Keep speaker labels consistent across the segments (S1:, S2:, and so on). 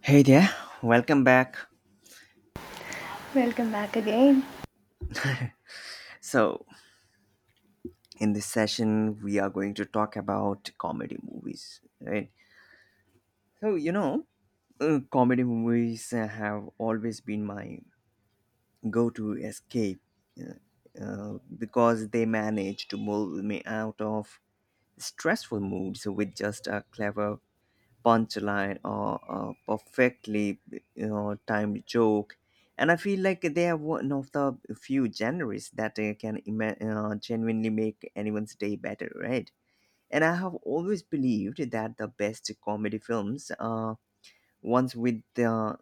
S1: Hey there, welcome back.
S2: Welcome back again.
S1: So, in this session, we are going to talk about comedy movies, right? So, you know, Comedy movies have always been my go to escape uh, because they manage to move me out of stressful moods with just a clever punchline or a perfectly timed joke, and I feel like they are one of the few genres that genuinely make anyone's day better, right? And I have always believed that the best comedy films are ones with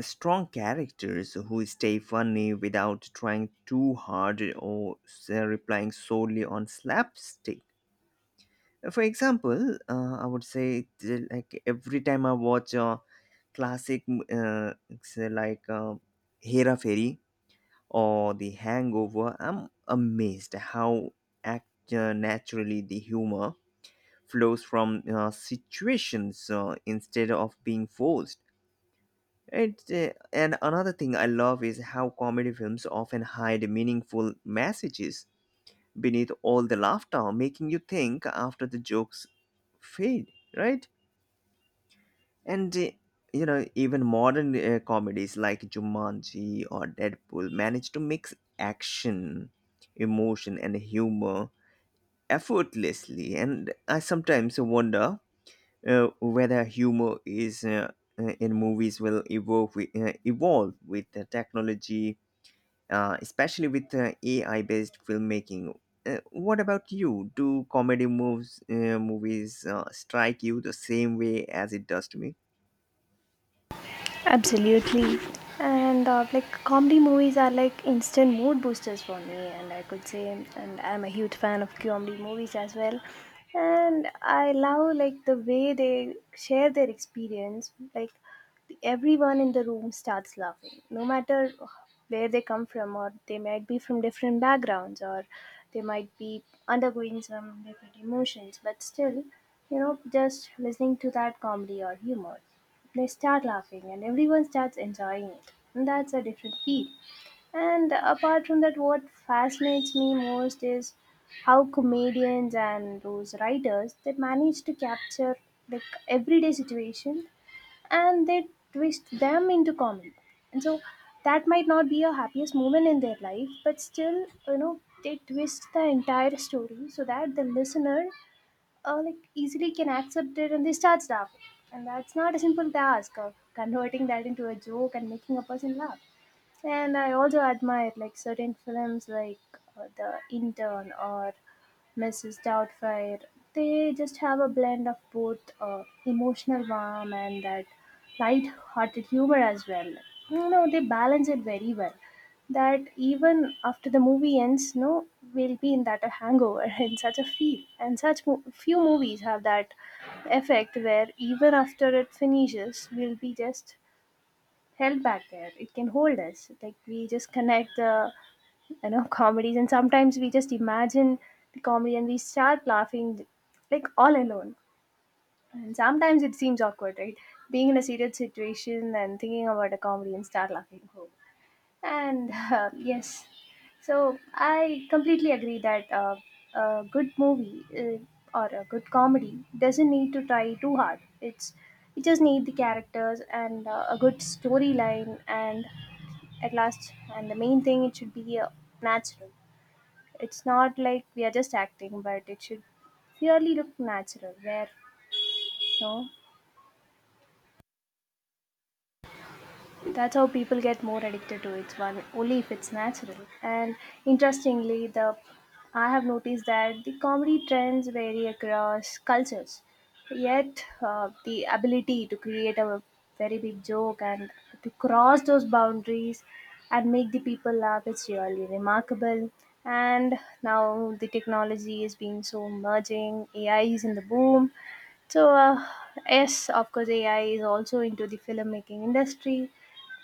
S1: strong characters who stay funny without trying too hard or relying solely on slapstick. For example, I would say like every time I watch a classic, uh, say like Hera Fairy or The Hangover, I'm amazed how act naturally the humor flows from situations instead of being forced. And another thing I love is how comedy films often hide meaningful messages beneath all the laughter, making you think after the jokes fade, right? And uh, Even modern comedies like Jumanji or Deadpool manage to mix action, emotion, and humor effortlessly. And I sometimes wonder whether humor is in movies will evolve with the technology, especially with AI-based filmmaking. What about you? Do comedy moves movies strike you the same way as it does to me?
S2: Absolutely. And like comedy movies are like instant mood boosters for me, and I could say, and I'm a huge fan of comedy movies as well. And I love like the way they share their experience. Like everyone in the room starts laughing, no matter where they come from, or they might be from different backgrounds, or they might be undergoing some different emotions, but still, you know, just listening to that comedy or humor they start laughing and everyone starts enjoying it, and that's a different feel. And apart from that, what fascinates me most is how comedians and those writers they manage to capture like everyday situation, and they twist them into comedy. And so that might not be a happiest moment in their life, but still, you know, they twist the entire story so that the listener like easily can accept it and they start laughing. And that's not a simple task of converting that into a joke and making a person laugh. And I also admire like certain films like The Intern or Mrs. Doubtfire. They just have a blend of both emotional warmth and that light-hearted humor as well. You know, they balance it very well that even after the movie ends, no, we'll be in that a hangover in such a feel. And few movies have that effect where even after it finishes, we'll be just held back there. It can hold us. Like we just connect the you know comedies, and sometimes we just imagine the comedy and we start laughing like all alone. And sometimes it seems awkward, right? Being in a serious situation and thinking about a comedy and start laughing. And yes, so I completely agree that a good movie or a good comedy doesn't need to try too hard. It's you just need the characters and a good storyline, and at last, and the main thing it should be natural. It's not like we are just acting, but it should really look natural. Where you know that's how people get more addicted to it, one only if it's natural. And interestingly, the I have noticed that the comedy trends vary across cultures. Yet, the ability to create a very big joke and to cross those boundaries and make the people laugh is really remarkable. And now the technology is being so merging, AI is in the boom, so, yes, of course, AI is also into the filmmaking industry,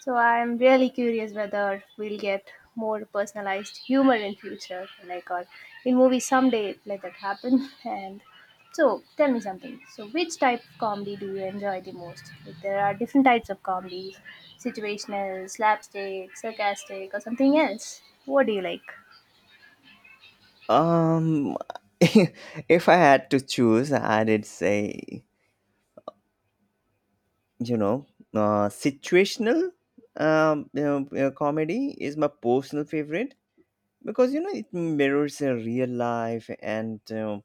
S2: so I'm really curious whether we'll get more personalized humor in future, like or in movies someday. Let that happen. And so, tell me something. So, which type of comedy do you enjoy the most? Like, there are different types of comedies: situational, slapstick, sarcastic, or something else. What do you like?
S1: Um, if I had to choose, I'd say, you know, situational comedy is my personal favorite because, you know, it mirrors real life and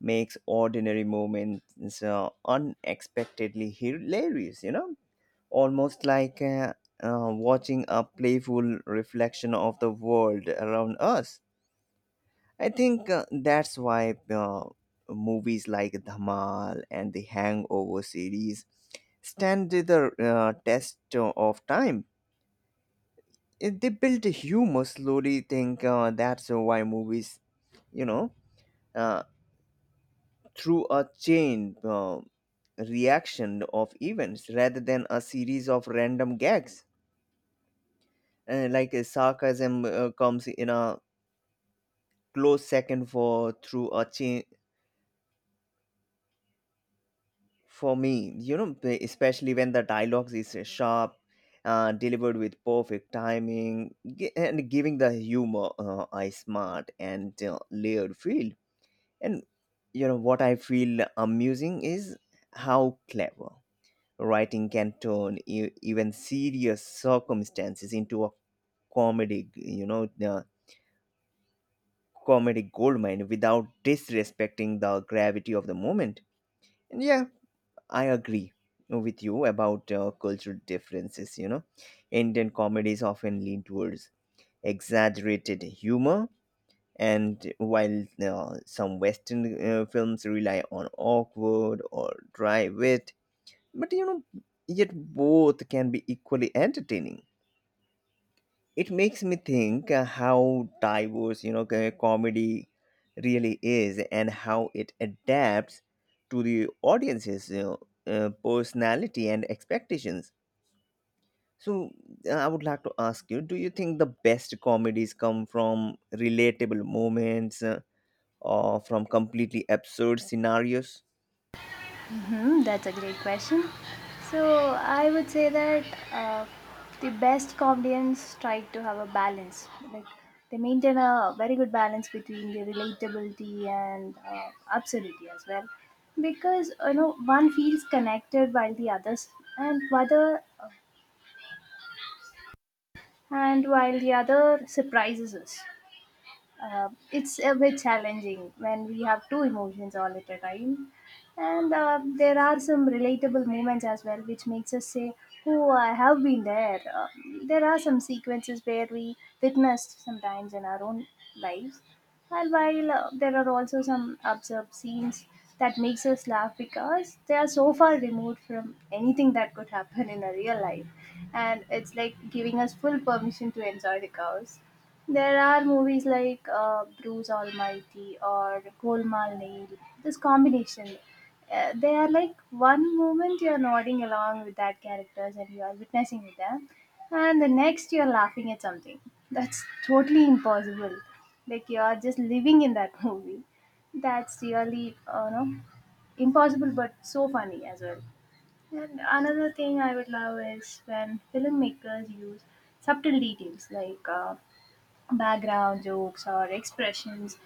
S1: makes ordinary moments unexpectedly hilarious, you know, almost like watching a playful reflection of the world around us. I think that's why movies like Dhamal and the Hangover series stand to the test of time. If they build humor slowly. Think that's why movies, you know, uh, through a chain reaction of events rather than a series of random gags. Sarcasm comes in a close second for through a chain for me, you know, especially when the dialogues is sharp, delivered with perfect timing, and giving the humor a smart and layered feel. And you know what I feel amusing is how clever writing can turn even serious circumstances into a comedy, comedic goldmine without disrespecting the gravity of the moment. And yeah, I agree with you about cultural differences. You know, Indian comedies often lean towards exaggerated humor, and while some Western films rely on awkward or dry wit, but you know, yet both can be equally entertaining. It makes me think how diverse, you know, comedy really is, and how it adapts to the audience's, you know, personality and expectations. So I would like to ask you, do you think the best comedies come from relatable moments or from completely absurd scenarios?
S2: Hmm, that's a great question. So I would say that uh, the best comedians try to have a balance. Like they maintain a very good balance between the relatability and absurdity as well, because you know one feels connected while the others, and whether and while the other surprises us. It's a bit challenging when we have two emotions all at a time, and there are some relatable moments as well which makes us say oh, I have been there. There are some sequences where we witnessed sometimes in our own lives, and while there are also some absurd scenes that makes us laugh because they are so far removed from anything that could happen in a real life, and it's like giving us full permission to enjoy the chaos. There are movies like Bruce Almighty or Golmaal Nail. This combination, they are like one moment you are nodding along with that characters and you are witnessing with them, and the next you are laughing at something. That's totally impossible. Like you are just living in that movie. That's really no, impossible, but so funny as well. And another thing I would love is when filmmakers use subtle details like. Background jokes or expressions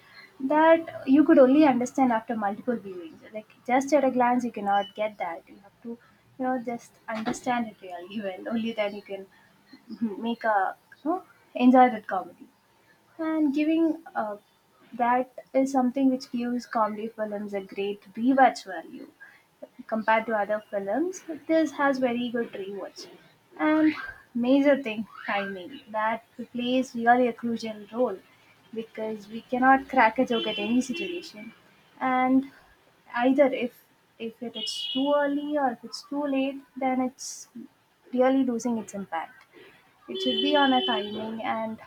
S2: that you could only understand after multiple viewings. Like just at a glance, you cannot get that. You have to, you know, just understand it really well. Only then you can hmm, make a you know, enjoy that comedy. And giving that is something which gives comedy films a great rewatch value. Compared to other films, this has very good rewards. And major thing timing, that plays really a crucial role, because we cannot crack a joke at any situation. And either if it is too early or if it's too late, then it's really losing its impact. It should be on a timing. And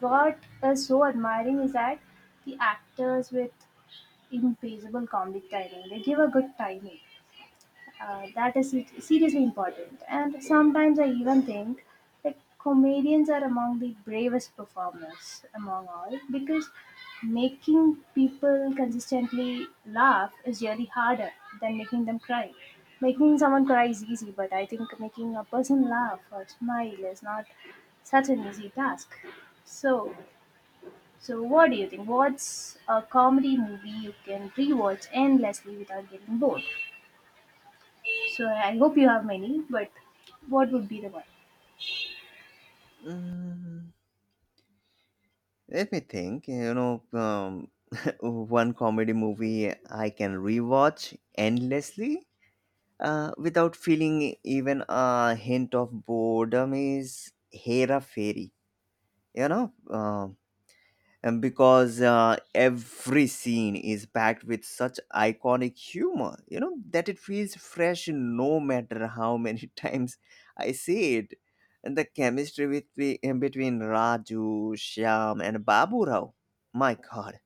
S2: what is so admiring is that the actors with impeccable comedic timing, they give a good timing, that is seriously important. And sometimes I even think that comedians are among the bravest performers among all, because making people consistently laugh is really harder than making them cry. Making someone cry is easy, but I think making a person laugh or smile is not such an easy task. So, so what do you think? What's a comedy movie you can rewatch endlessly without getting bored? So I hope you have many, but what would be the one?
S1: Mm, let me think, you know. One comedy movie I can rewatch endlessly without feeling even a hint of boredom is Hera Fairy, you know, and because every scene is packed with such iconic humor, you know, that it feels fresh no matter how many times I see it. And the chemistry with, in between Raju, Shyam, and Babu Rao, my God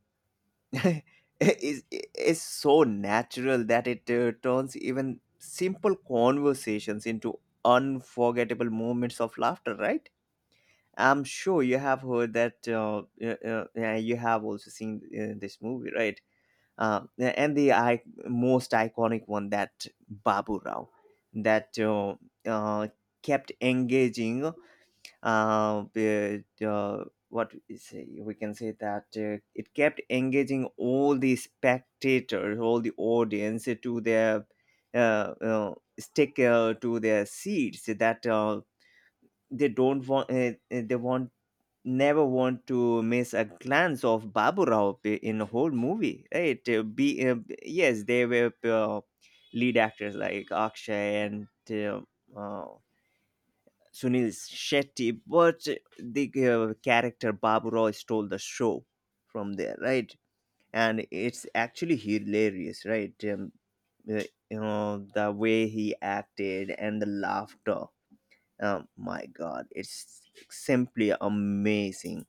S1: is is so natural that it turns even simple conversations into unforgettable moments of laughter, right? I'm sure you have heard that yeah, you have also seen this movie, right? Most iconic one that Babu Rao, that uh, kept engaging the what we say we can say that it kept engaging all the spectators, all the audience, to their uh, stick to their seats, that they don't want they want never want to miss a glance of Baburao in the whole movie, right? Be Yes, they were lead actors like Akshay and uh, Sunil Shetty, but the character Babu Rao stole the show from there, right? And it's actually hilarious, right? Uh, you know, the way he acted and the laughter. Oh my God, it's simply amazing.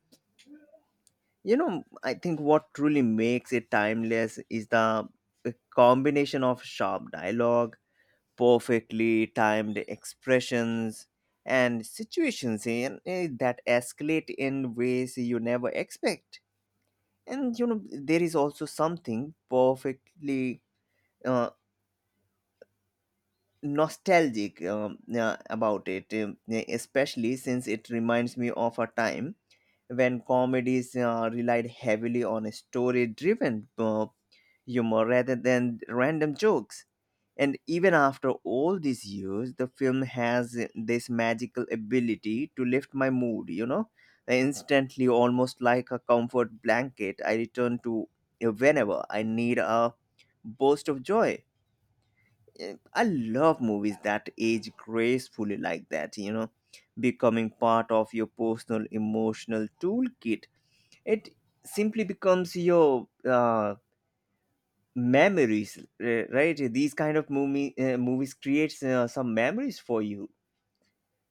S1: You know, I think what truly makes it timeless is the combination of sharp dialogue, perfectly timed expressions, and situations that escalate in ways you never expect. And you know, there is also something perfectly uh, nostalgic, yeah, about it, yeah, especially since it reminds me of a time when comedies relied heavily on story driven humor rather than random jokes. And even after all these years, the film has this magical ability to lift my mood, you know? Instantly, almost like a comfort blanket, I return to whenever I need a burst of joy. Eh, I love movies that age gracefully like that, you know, becoming part of your personal emotional toolkit. It simply becomes your memories, right? These kind of movies creates some memories for you.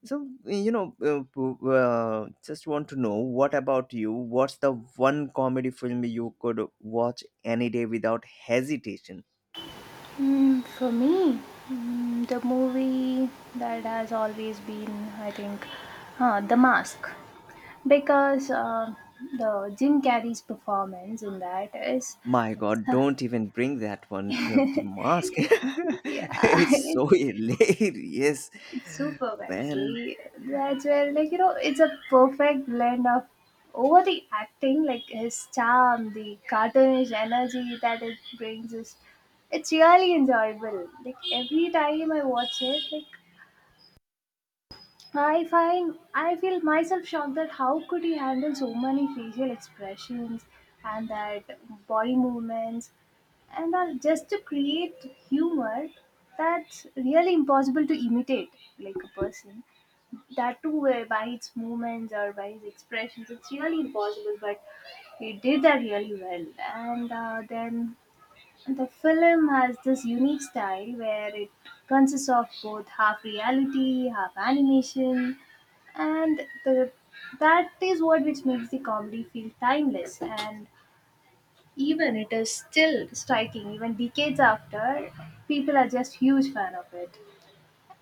S1: So you know, just want to know, what about you? What's the one comedy film you could watch any day without hesitation?
S2: Mm, for me, mm, the movie that has always been, I think, The Mask. Because the Jim Carrey's performance in that is,
S1: My God, don't even bring that one, the Mask.
S2: yeah,
S1: It's
S2: it
S1: so hilarious,
S2: It's superb
S1: man.
S2: actually. That's where like you know it's a perfect blend of over the acting, like his charm, the cartoonish energy that it brings is it's really enjoyable. Like every time I watch it, like I feel myself shocked that how could he handle so many facial expressions and that body movements and all just to create humor. That's really impossible to imitate, like a person, that too by its movements or by his expressions, it's really impossible, but he did that really well. And then the film has this unique style where it consists of both half reality half animation, and the that is what which makes the comedy feel timeless, and even it is still striking even decades after, people are just huge fan of it.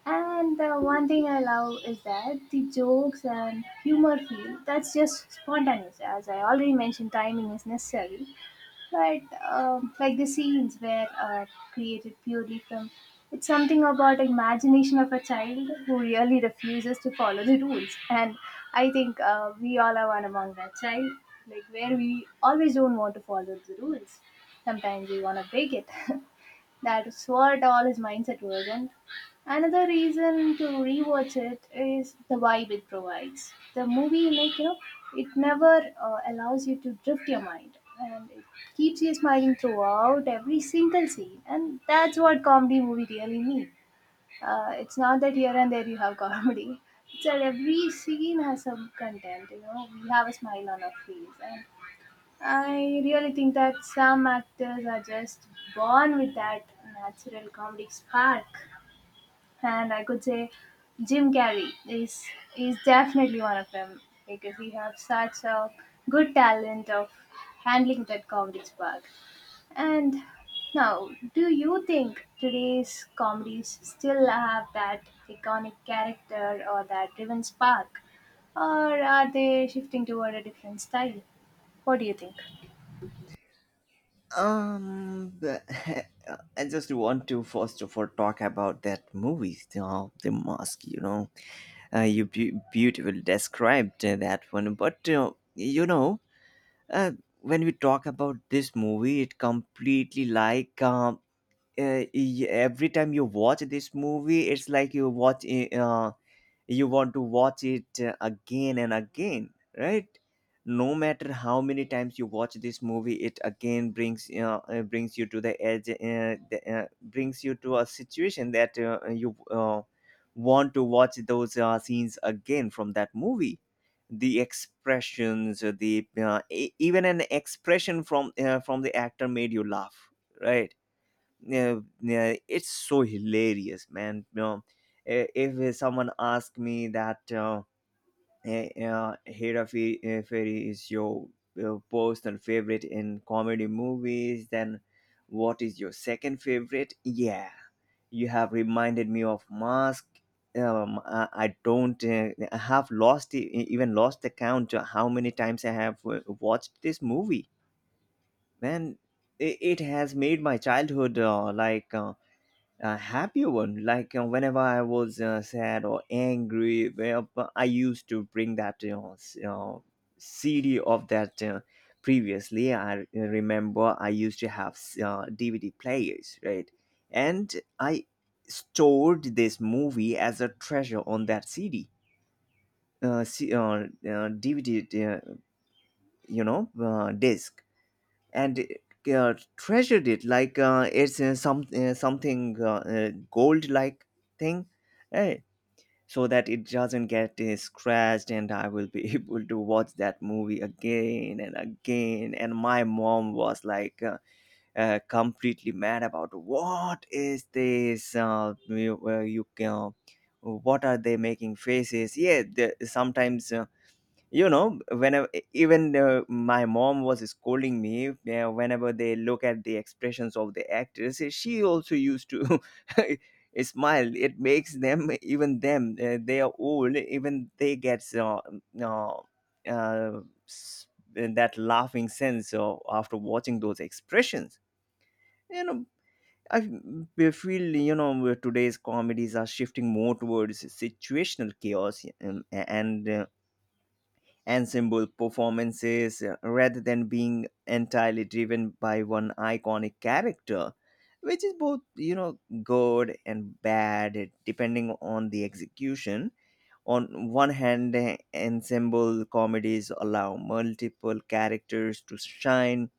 S2: And the one thing I love is that the jokes and humor feel that's just spontaneous. As I already mentioned, timing is necessary, but like the scenes where are created purely from, it's something about imagination of a child who really refuses to follow the rules. And I think we all are one among that child, like where we always don't want to follow the rules. Sometimes we want to break it. That is what all his mindset was. And another reason to rewatch it is the vibe it provides. The movie, like you know, it never allows you to drift your mind, and it keeps you smiling throughout every single scene. And that's what comedy movie really need. It's not that here and there you have comedy. It's that every scene has some content. You know, we have a smile on our face, and I really think that some actors are just born with that natural comedic spark, and I could say Jim Carrey is definitely one of them, because he has such a good talent of handling that comedy spark. And now, do you think today's comedies still have that iconic character or that driven spark, or are they shifting toward a different style? What do you think?
S1: Um, the, I just want to first of all talk about that movie, The Mask. You know, beautifully described that one, but you know, uh, when we talk about this movie, it completely like, every time you watch this movie, it's like you want to watch it again and again, right? No matter how many times you watch this movie, it again brings, brings you to the edge, brings you to a situation that you want to watch those scenes again from that movie. The expressions, even an expression from the actor made you laugh, right? Yeah, yeah, it's so hilarious, man. You know, if someone asked me that, Fairy is your personal favorite in comedy movies, then what is your second favorite? Yeah, you have reminded me of Mask. Um, I don't. I have lost, even lost the count of how many times I have watched this movie. Man, it has made my childhood like. A happy one. Like whenever I was sad or angry, well, but I used to bring that, you know, s- you CD of that. Previously, I remember I used to have DVD players, right? And I stored this movie as a treasure on that CD, uh, C- uh, uh, DVD, uh, disc, and treasured it like it's something gold like thing, eh, so that it doesn't get scratched, and I will be able to watch that movie again and again. And my mom was like, completely mad about what is this, you, you what are they making faces? Yeah, sometimes, you know, whenever even my mom was scolding me, whenever they look at the expressions of the actors, she also used to smile. It makes them, even them they are old, even they get uh, uh, s- that laughing sense after watching those expressions, you know. I feel, you know, today's comedies are shifting more towards situational chaos, and ensemble performances rather than being entirely driven by one iconic character, which is both, you know, good and bad depending on the execution. On one hand, eh, ensemble comedies allow multiple characters to shine,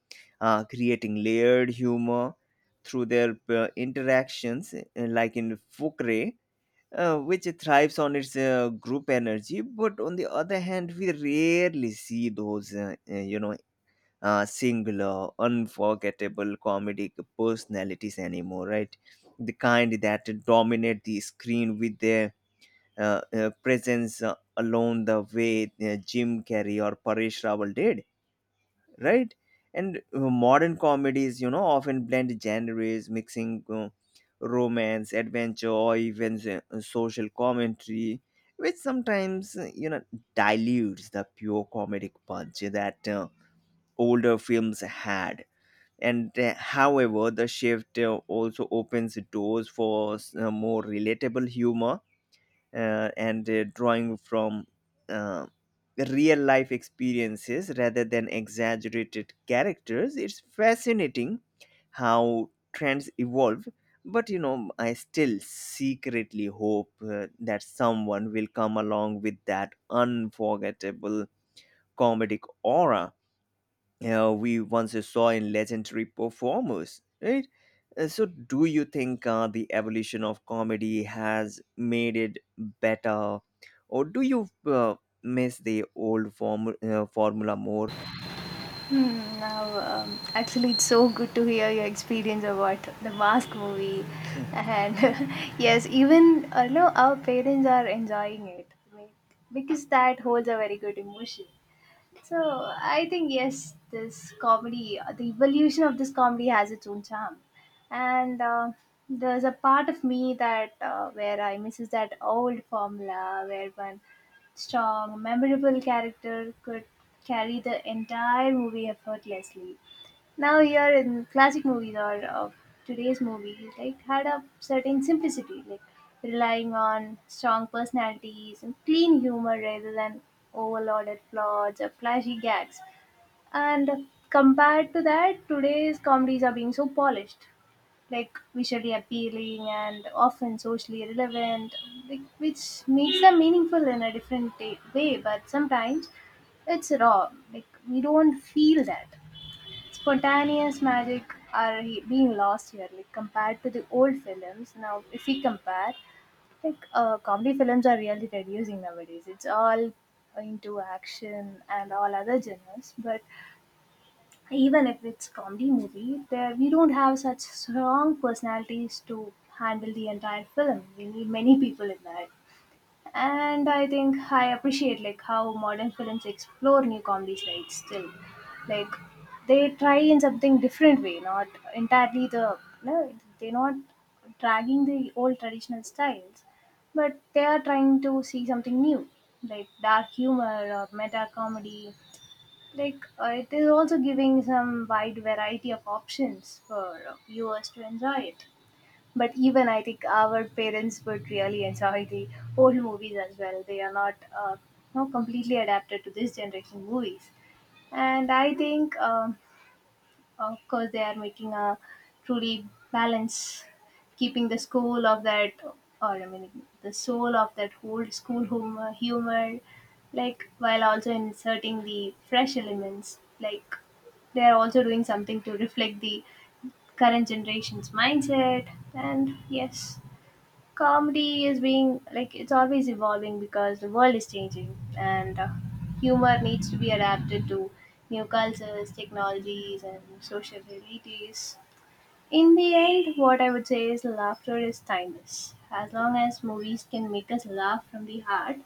S1: creating layered humor through their interactions, eh, like in Fukre, which thrives on its group energy. But on the other hand, we rarely see those, singular, unforgettable comedic personalities anymore, right? The kind that dominate the screen with their presence alone, the way Jim Carrey or Paresh Rawal did, right? And modern comedies, you know, often blend genres, mixing romance, adventure, or even social commentary, which sometimes, you know, dilutes the pure comedic punch that older films had. And however, the shift also opens doors for more relatable humor, and drawing from uh, real life experiences rather than exaggerated characters. It's fascinating how trends evolve, but you know, I still secretly hope that someone will come along with that unforgettable comedic aura we once saw in legendary performers, right? So, do you think the evolution of comedy has made it better, or do you miss the formula more?
S2: Hmm, now, actually, it's so good to hear your experience about the Mask movie, and yes, even no, our parents are enjoying it like, because that holds a very good emotion. So I think yes, this comedy, the evolution of this comedy has its own charm, and there's a part of me that where I misses that old formula where one strong, memorable character could carry the entire movie effortlessly. Now here in classic movies or of today's movies, like, had a certain simplicity, like relying on strong personalities and clean humor rather than overloaded plots or flashy gags. And compared to that, today's comedies are being so polished, like visually appealing and often socially relevant, like, which makes them meaningful in a different way. But sometimes it's raw, like we don't feel that spontaneous magic are being lost here like compared to the old films. Now if we compare, like, comedy films are really reducing nowadays. It's all into action and all other genres, but even if it's comedy movie, there we don't have such strong personalities to handle the entire film. We need many people in that. And I think I appreciate like how modern films explore new comedy styles still, like, they try in something different way, not entirely the, no, they're not dragging the old traditional styles, but they are trying to see something new, like dark humor or meta comedy, like, it is also giving some wide variety of options for viewers to enjoy it. But even I think our parents would really enjoy the old movies as well. They are not completely adapted to this generation movies. And I think, of course, they are making a truly balance, keeping the school of that, or I mean, the soul of that old school humor, like while also inserting the fresh elements. Like they are also doing something to reflect the current generation's mindset. And yes, comedy is being like it's always evolving because the world is changing, and humor needs to be adapted to new cultures, technologies and social realities. In the end, what I would say is laughter is timeless. As long as movies can make us laugh from the heart,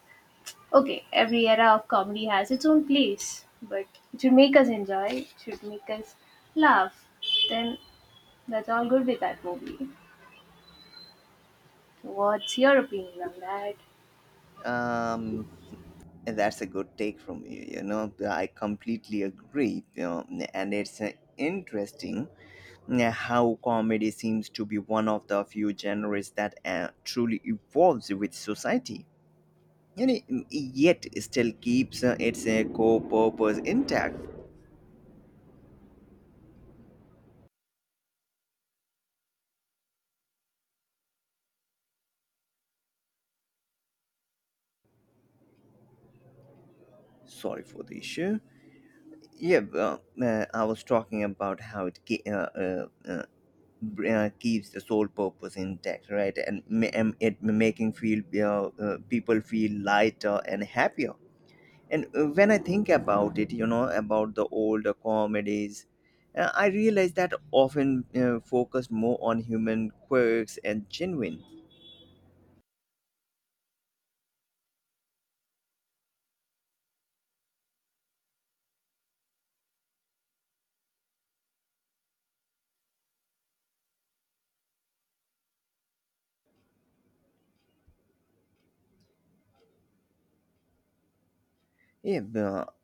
S2: okay, every era of comedy has its own place, but it should make us enjoy, it should make us laugh, then that's all good with that movie. What's your opinion on that?
S1: Um, that's a good take from you. You know, I completely agree. You know, and it's interesting how comedy seems to be one of the few genres that truly evolves with society. You know, yet still keeps its core purpose intact. Sorry for the issue. Yeah, well, I was talking about how it keeps the sole purpose intact, right? And it making feel people feel lighter and happier. And when I think about it, you know, about the older comedies, I realize that often focused more on human quirks and genuine. Yeah, well,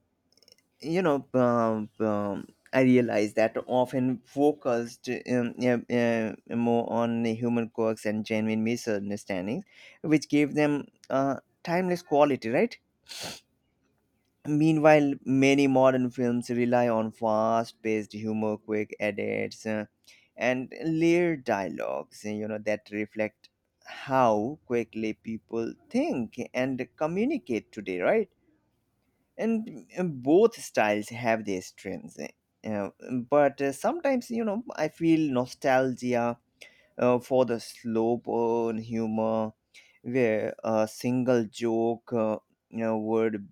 S1: you know I realize that often focused more on human quirks and genuine misunderstandings which gave them timeless quality, right? Meanwhile, many modern films rely on fast-paced humor, quick edits, and layered dialogues, you know, that reflect how quickly people think and communicate today, right? And both styles have their strengths, uh, but sometimes, you know, I feel nostalgia for the slow burn humor where a single joke you know would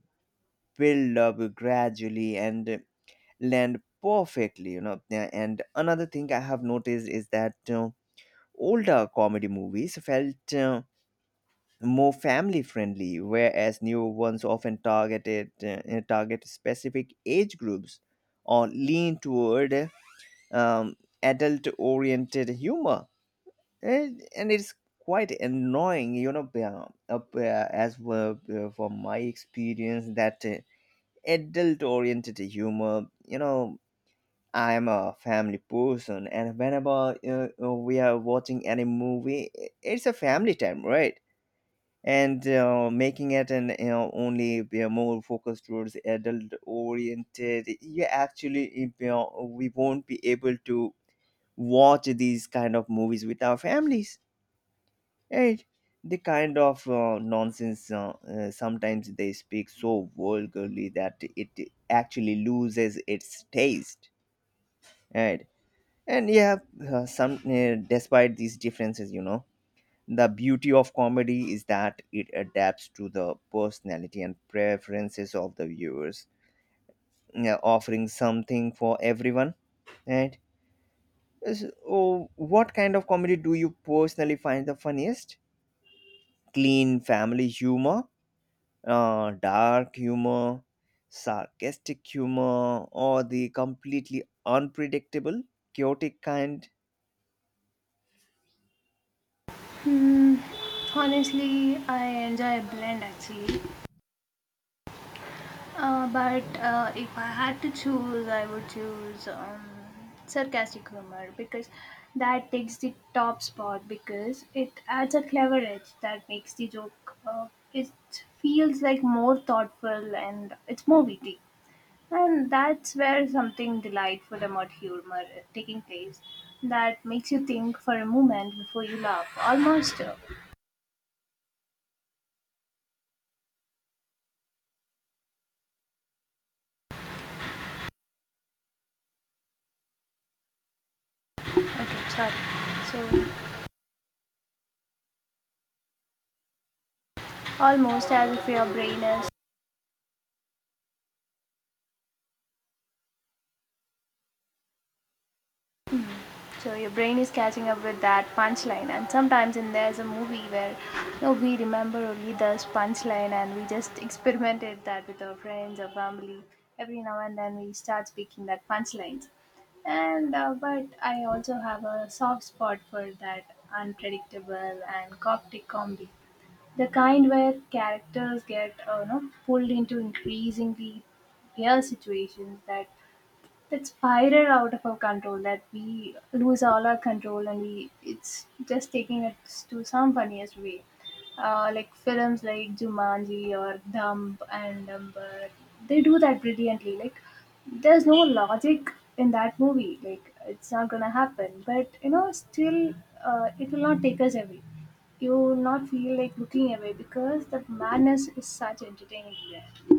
S1: build up gradually and land perfectly, you know. Yeah, and another thing I have noticed is that older comedy movies felt more family friendly, whereas new ones often target specific age groups or lean toward um, adult oriented humor. And it's quite annoying, you know, as well from my experience that adult oriented humor, you know. I am a family person, and whenever we are watching any movie, it's a family time, right? And making it an you know, only you know, more focused towards adult oriented you actually you know, we won't be able to watch these kind of movies with our families, right? The kind of nonsense sometimes they speak so vulgarly that it actually loses its taste, right? And yeah, some despite these differences, you know, the beauty of comedy is that it adapts to the personality and preferences of the viewers, yeah, offering something for everyone. And so, what kind of comedy do you personally find the funniest? Clean family humor, dark humor, sarcastic humor, or the completely unpredictable, chaotic kind?
S2: Hmm, honestly, I enjoy blend actually. But if I had to choose, I would choose sarcastic humor, because that takes the top spot because it adds a clever edge that makes the joke. It feels like more thoughtful and it's more witty. And that's where something delightful about humor is taking place, that makes you think for a moment before you laugh, almost okay, sorry. So almost as if your brain is, so your brain is catching up with that punchline. And sometimes in there's a movie where, you know, we remember only this punchline, and we just experimented that with our friends or family. Every now and then we start speaking that punchlines, and but I also have a soft spot for that unpredictable and coptic comedy, the kind where characters get pulled into increasingly real situations that spiral out of our control, that we lose all our control and we, it's just taking it to some funniest way. Like films like Jumanji or Dumb and Dumber, they do that brilliantly. Like there's no logic in that movie, like it's not gonna happen, but you know, still, it will not take us away. You will not feel like looking away because that madness is such entertaining there.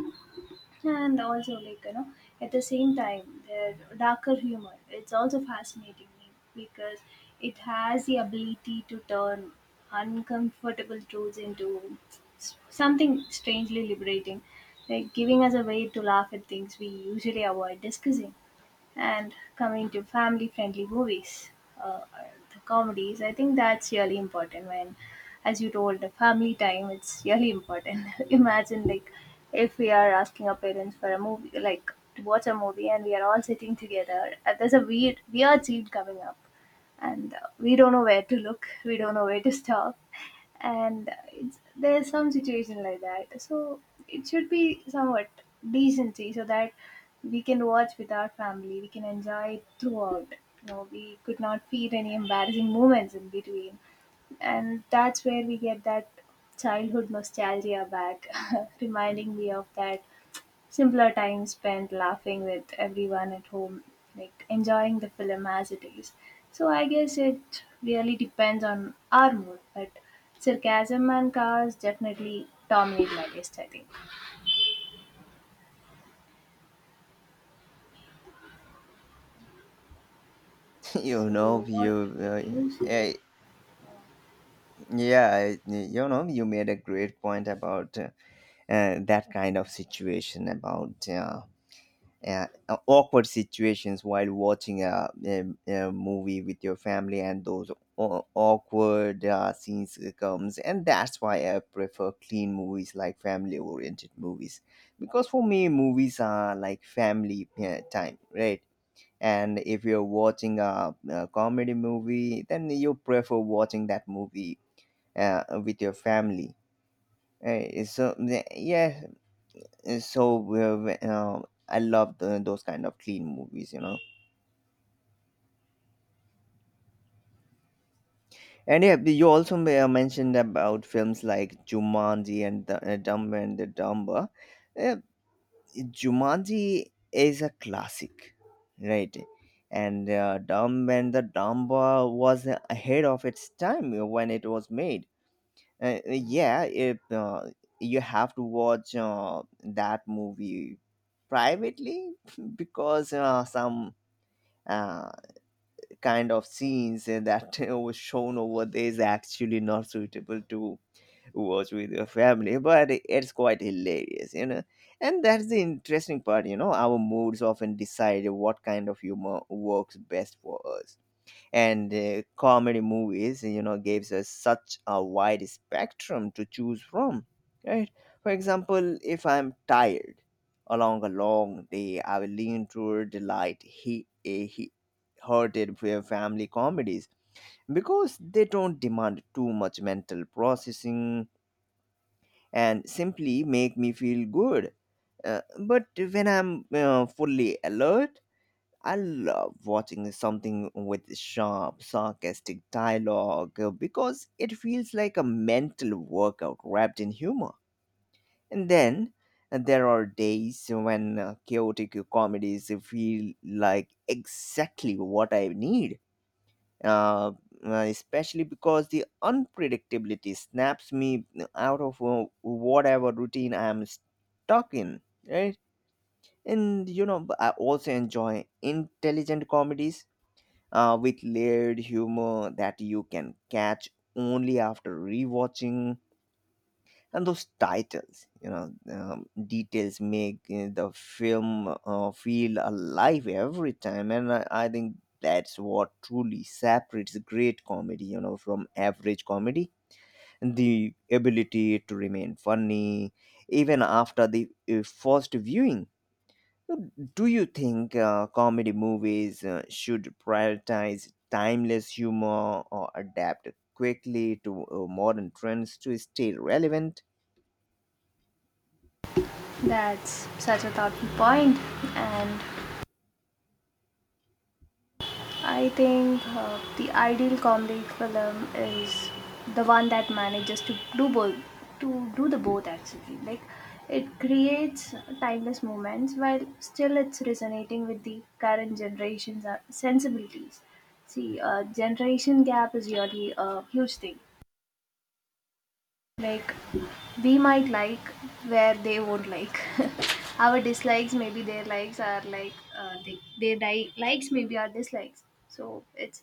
S2: And also, like, you know, at the same time their darker humor, it's also fascinating me because it has the ability to turn uncomfortable truths into something strangely liberating, like giving us a way to laugh at things we usually avoid discussing. And coming to family friendly movies, uh, the comedies, I think that's really important when, as you told, the family time, it's really important. Imagine, like, if we are asking our parents for a movie, like, to watch a movie and we are all sitting together, there's a weird, weird scene coming up, and we don't know where to look, we don't know where to stop, and it's, there's some situation like that. So it should be somewhat decency so that we can watch with our family, we can enjoy it throughout, you know, we could not feel any embarrassing moments in between. And that's where we get that childhood nostalgia back, reminding me of that simpler time spent laughing with everyone at home, like enjoying the film as it is. So I guess it really depends on our mood, but sarcasm and cars definitely dominate my list, I think.
S1: you
S2: So
S1: know,
S2: what
S1: you
S2: would you
S1: uh,
S2: say?
S1: uh, you know, you made a great point about that kind of situation, about uh, awkward situations while watching a movie with your family, and those awkward scenes comes, and that's why I prefer clean movies like family-oriented movies, because for me, movies are like family time, right? And if you're watching a comedy movie, then you prefer watching that movie with your family. Uh, so the- yeah, so uh, uh, I love the, those kind of clean movies, you know. And yeah, you also mentioned about films like Jumanji and the, Dumber and the Dumber. Uh, Jumanji is a classic, right? And Dumb and the Dumber was ahead of its time when it was made. Yeah, you have to watch that movie privately because some uh, kind of scenes that was shown over there is actually not suitable to watch with your family, but it's quite hilarious, you know. And that's the interesting part, you know. Our moods often decide what kind of humor works best for us, and comedy movies, you know, gives us such a wide spectrum to choose from, right? For example, if I'm tired along a long day, I will lean toward the light he hearted family comedies because they don't demand too much mental processing and simply make me feel good. Uh, but when I'm fully alert, I love watching something with sharp, sarcastic dialogue because it feels like a mental workout wrapped in humor. And then there are days when chaotic comedies feel like exactly what I need, uh, especially because the unpredictability snaps me out of whatever routine I'm stuck in, right? And you know, I also enjoy intelligent comedies with layered humor that you can catch only after rewatching. And those titles, you know, details make the film feel alive every time. And I think that's what truly separates great comedy, you know, from average comedy. The ability to remain funny even after the first viewing. So do you think comedy movies should prioritize timeless humor or adapt quickly to modern trends to stay relevant?
S2: That's such a thoughtful point, and I think the ideal comedy film is the one that manages to do both, to do the both actually. Like it creates timeless moments while still it's resonating with the current generation's sensibilities. See, generation gap is really a huge thing, like we might like where they won't like our dislikes, maybe their likes are like their likes maybe are dislikes. So it's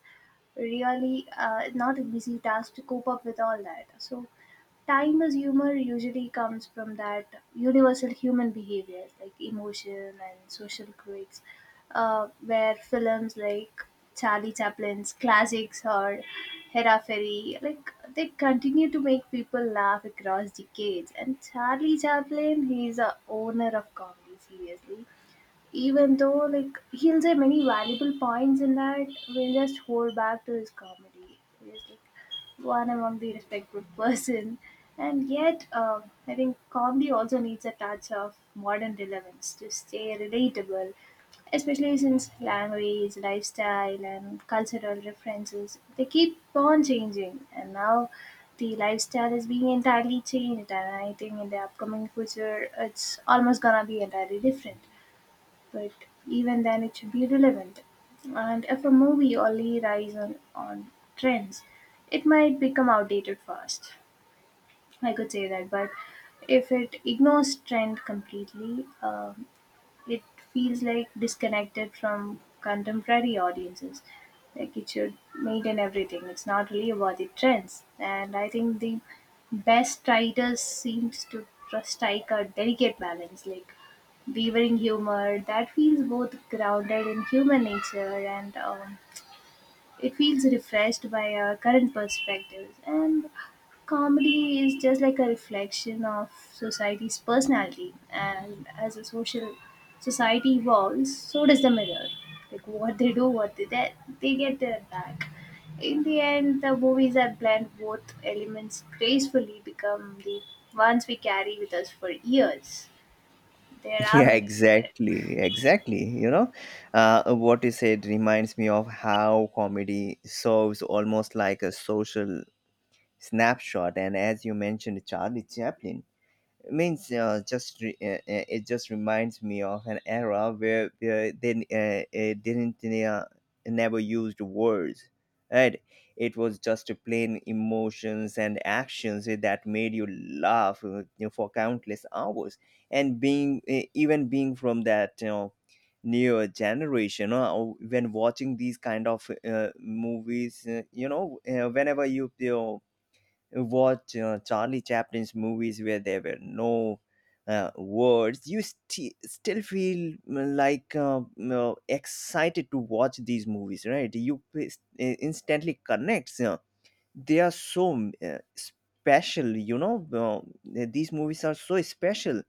S2: really not an easy task to cope up with all that. So time as humor usually comes from that universal human behavior like emotion and social quirks, where films like Charlie Chaplin's classics or Hera ferry like, they continue to make people laugh across decades. And Charlie Chaplin, he's a owner of comedy seriously. Even though like he'll say many valuable points in that, we'll just hold back to his comedy. He's like one among the respectful person. And yet I think comedy also needs a touch of modern relevance to stay relatable, especially since language, lifestyle and cultural references, they keep on changing. And now the lifestyle is being entirely changed, and I think in the upcoming future it's almost gonna be entirely different. But even then it should be relevant. And if a movie only relies on trends, it might become outdated fast. I could say that. But if it ignores trend completely, um, it feels like disconnected from contemporary audiences. Like it should maintain everything. It's not really about the trends. And I think the best writers seems to strike a delicate balance, like weaving humor that feels both grounded in human nature and it feels refreshed by our current perspectives. And comedy is just like a reflection of society's personality. And as a social society evolves, so does the mirror. Like what they do, what they get their back. In the end, the movies that blend both elements gracefully become the ones we carry with us for years. There are
S1: Yeah,
S2: many there.
S1: exactly, exactly. You know, what you said reminds me of how comedy serves almost like a social snapshot. And as you mentioned, Charlie Chaplin means it just reminds me of an era where they didn't never used words, right? It was just plain emotions and actions that made you laugh you know, for countless hours. And being even being from that, you know, newer generation, when watching these kind of movies you know whenever you know, watch Charlie Chaplin's movies where there were no words, you still feel like you know, excited to watch these movies, right? You instantly connects. You know. They are so special, you know. These movies are so special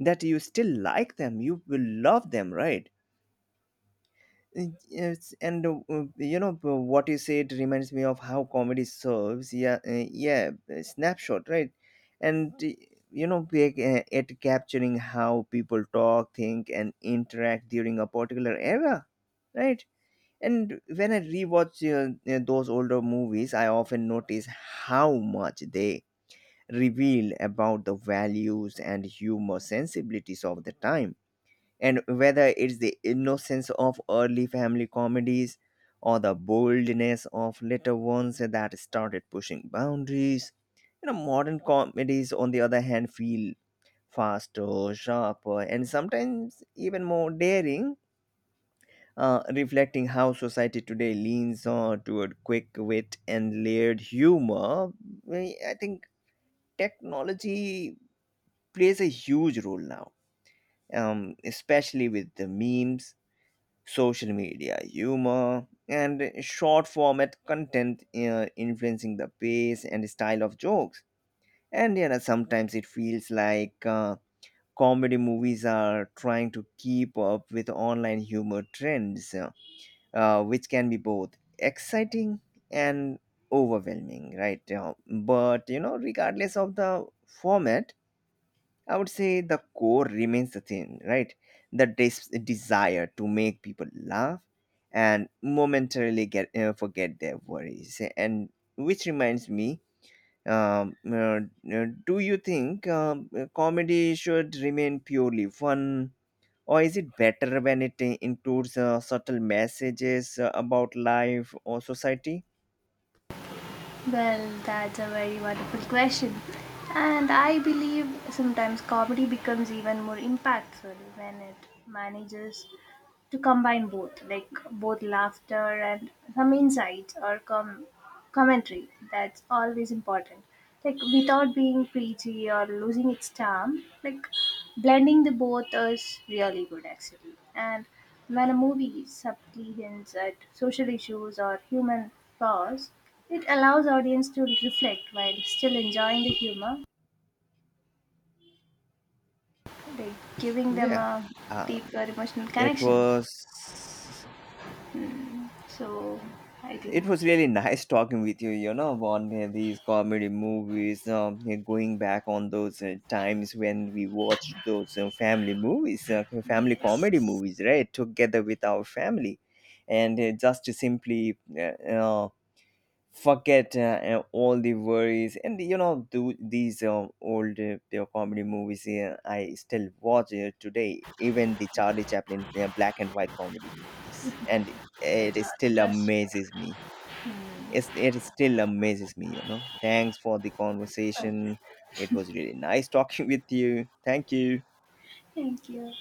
S1: that you still like them, you will love them, right? Yes, and you know what you said reminds me of how comedy serves. Yeah, yeah, a snapshot, right? And you know, at capturing how people talk, think, and interact during a particular era, right? And when I rewatch those older movies, I often notice how much they reveal about the values and humor sensibilities of the time, and whether it's the innocence of early family comedies or the boldness of later ones that started pushing boundaries. You know, modern comedies, on the other hand, feel faster, sharper, and sometimes even more daring, reflecting how society today leans on toward quick wit and layered humor. i I think technology plays a huge role now, especially with the memes, social media humor, and short format content influencing the pace and style of jokes. And you know, sometimes it feels like comedy movies are trying to keep up with online humor trends, which can be both exciting and overwhelming, right? But you know, regardless of the format, I would say the core remains the same, right? The desire to make people laugh and momentarily get forget their worries. And which reminds me, um, uh, do you think comedy should remain purely fun, or is it better when it includes subtle messages about life or society?
S2: Well, that's a very wonderful question. And I believe sometimes comedy becomes even more impactful when it manages to combine both, like both laughter and some insights or commentary. That's always important. Like without being preachy or losing its charm, like blending the both is really good actually. And when a movie subtly hints at social issues or human flaws, it allows audience to reflect while still enjoying the humor, like giving them
S1: Yeah,
S2: a
S1: um,
S2: deeper emotional
S1: it
S2: connection.
S1: was.
S2: So I think
S1: It was really nice talking with you, you know, on these comedy movies, going back on those times when we watched those family movies, okay, family comedy
S2: yes.
S1: movies, right, together with our family. And just to simply uh, forget all the worries. And, you know, do these old comedy movies I still watch today, even the Charlie Chaplin black and white comedy movies. And
S2: That's
S1: it
S2: all.
S1: still
S2: Just
S1: amazes me. It still amazes me, you know. Thanks for the conversation. It was really nice talking with you. Thank you.
S2: thank you.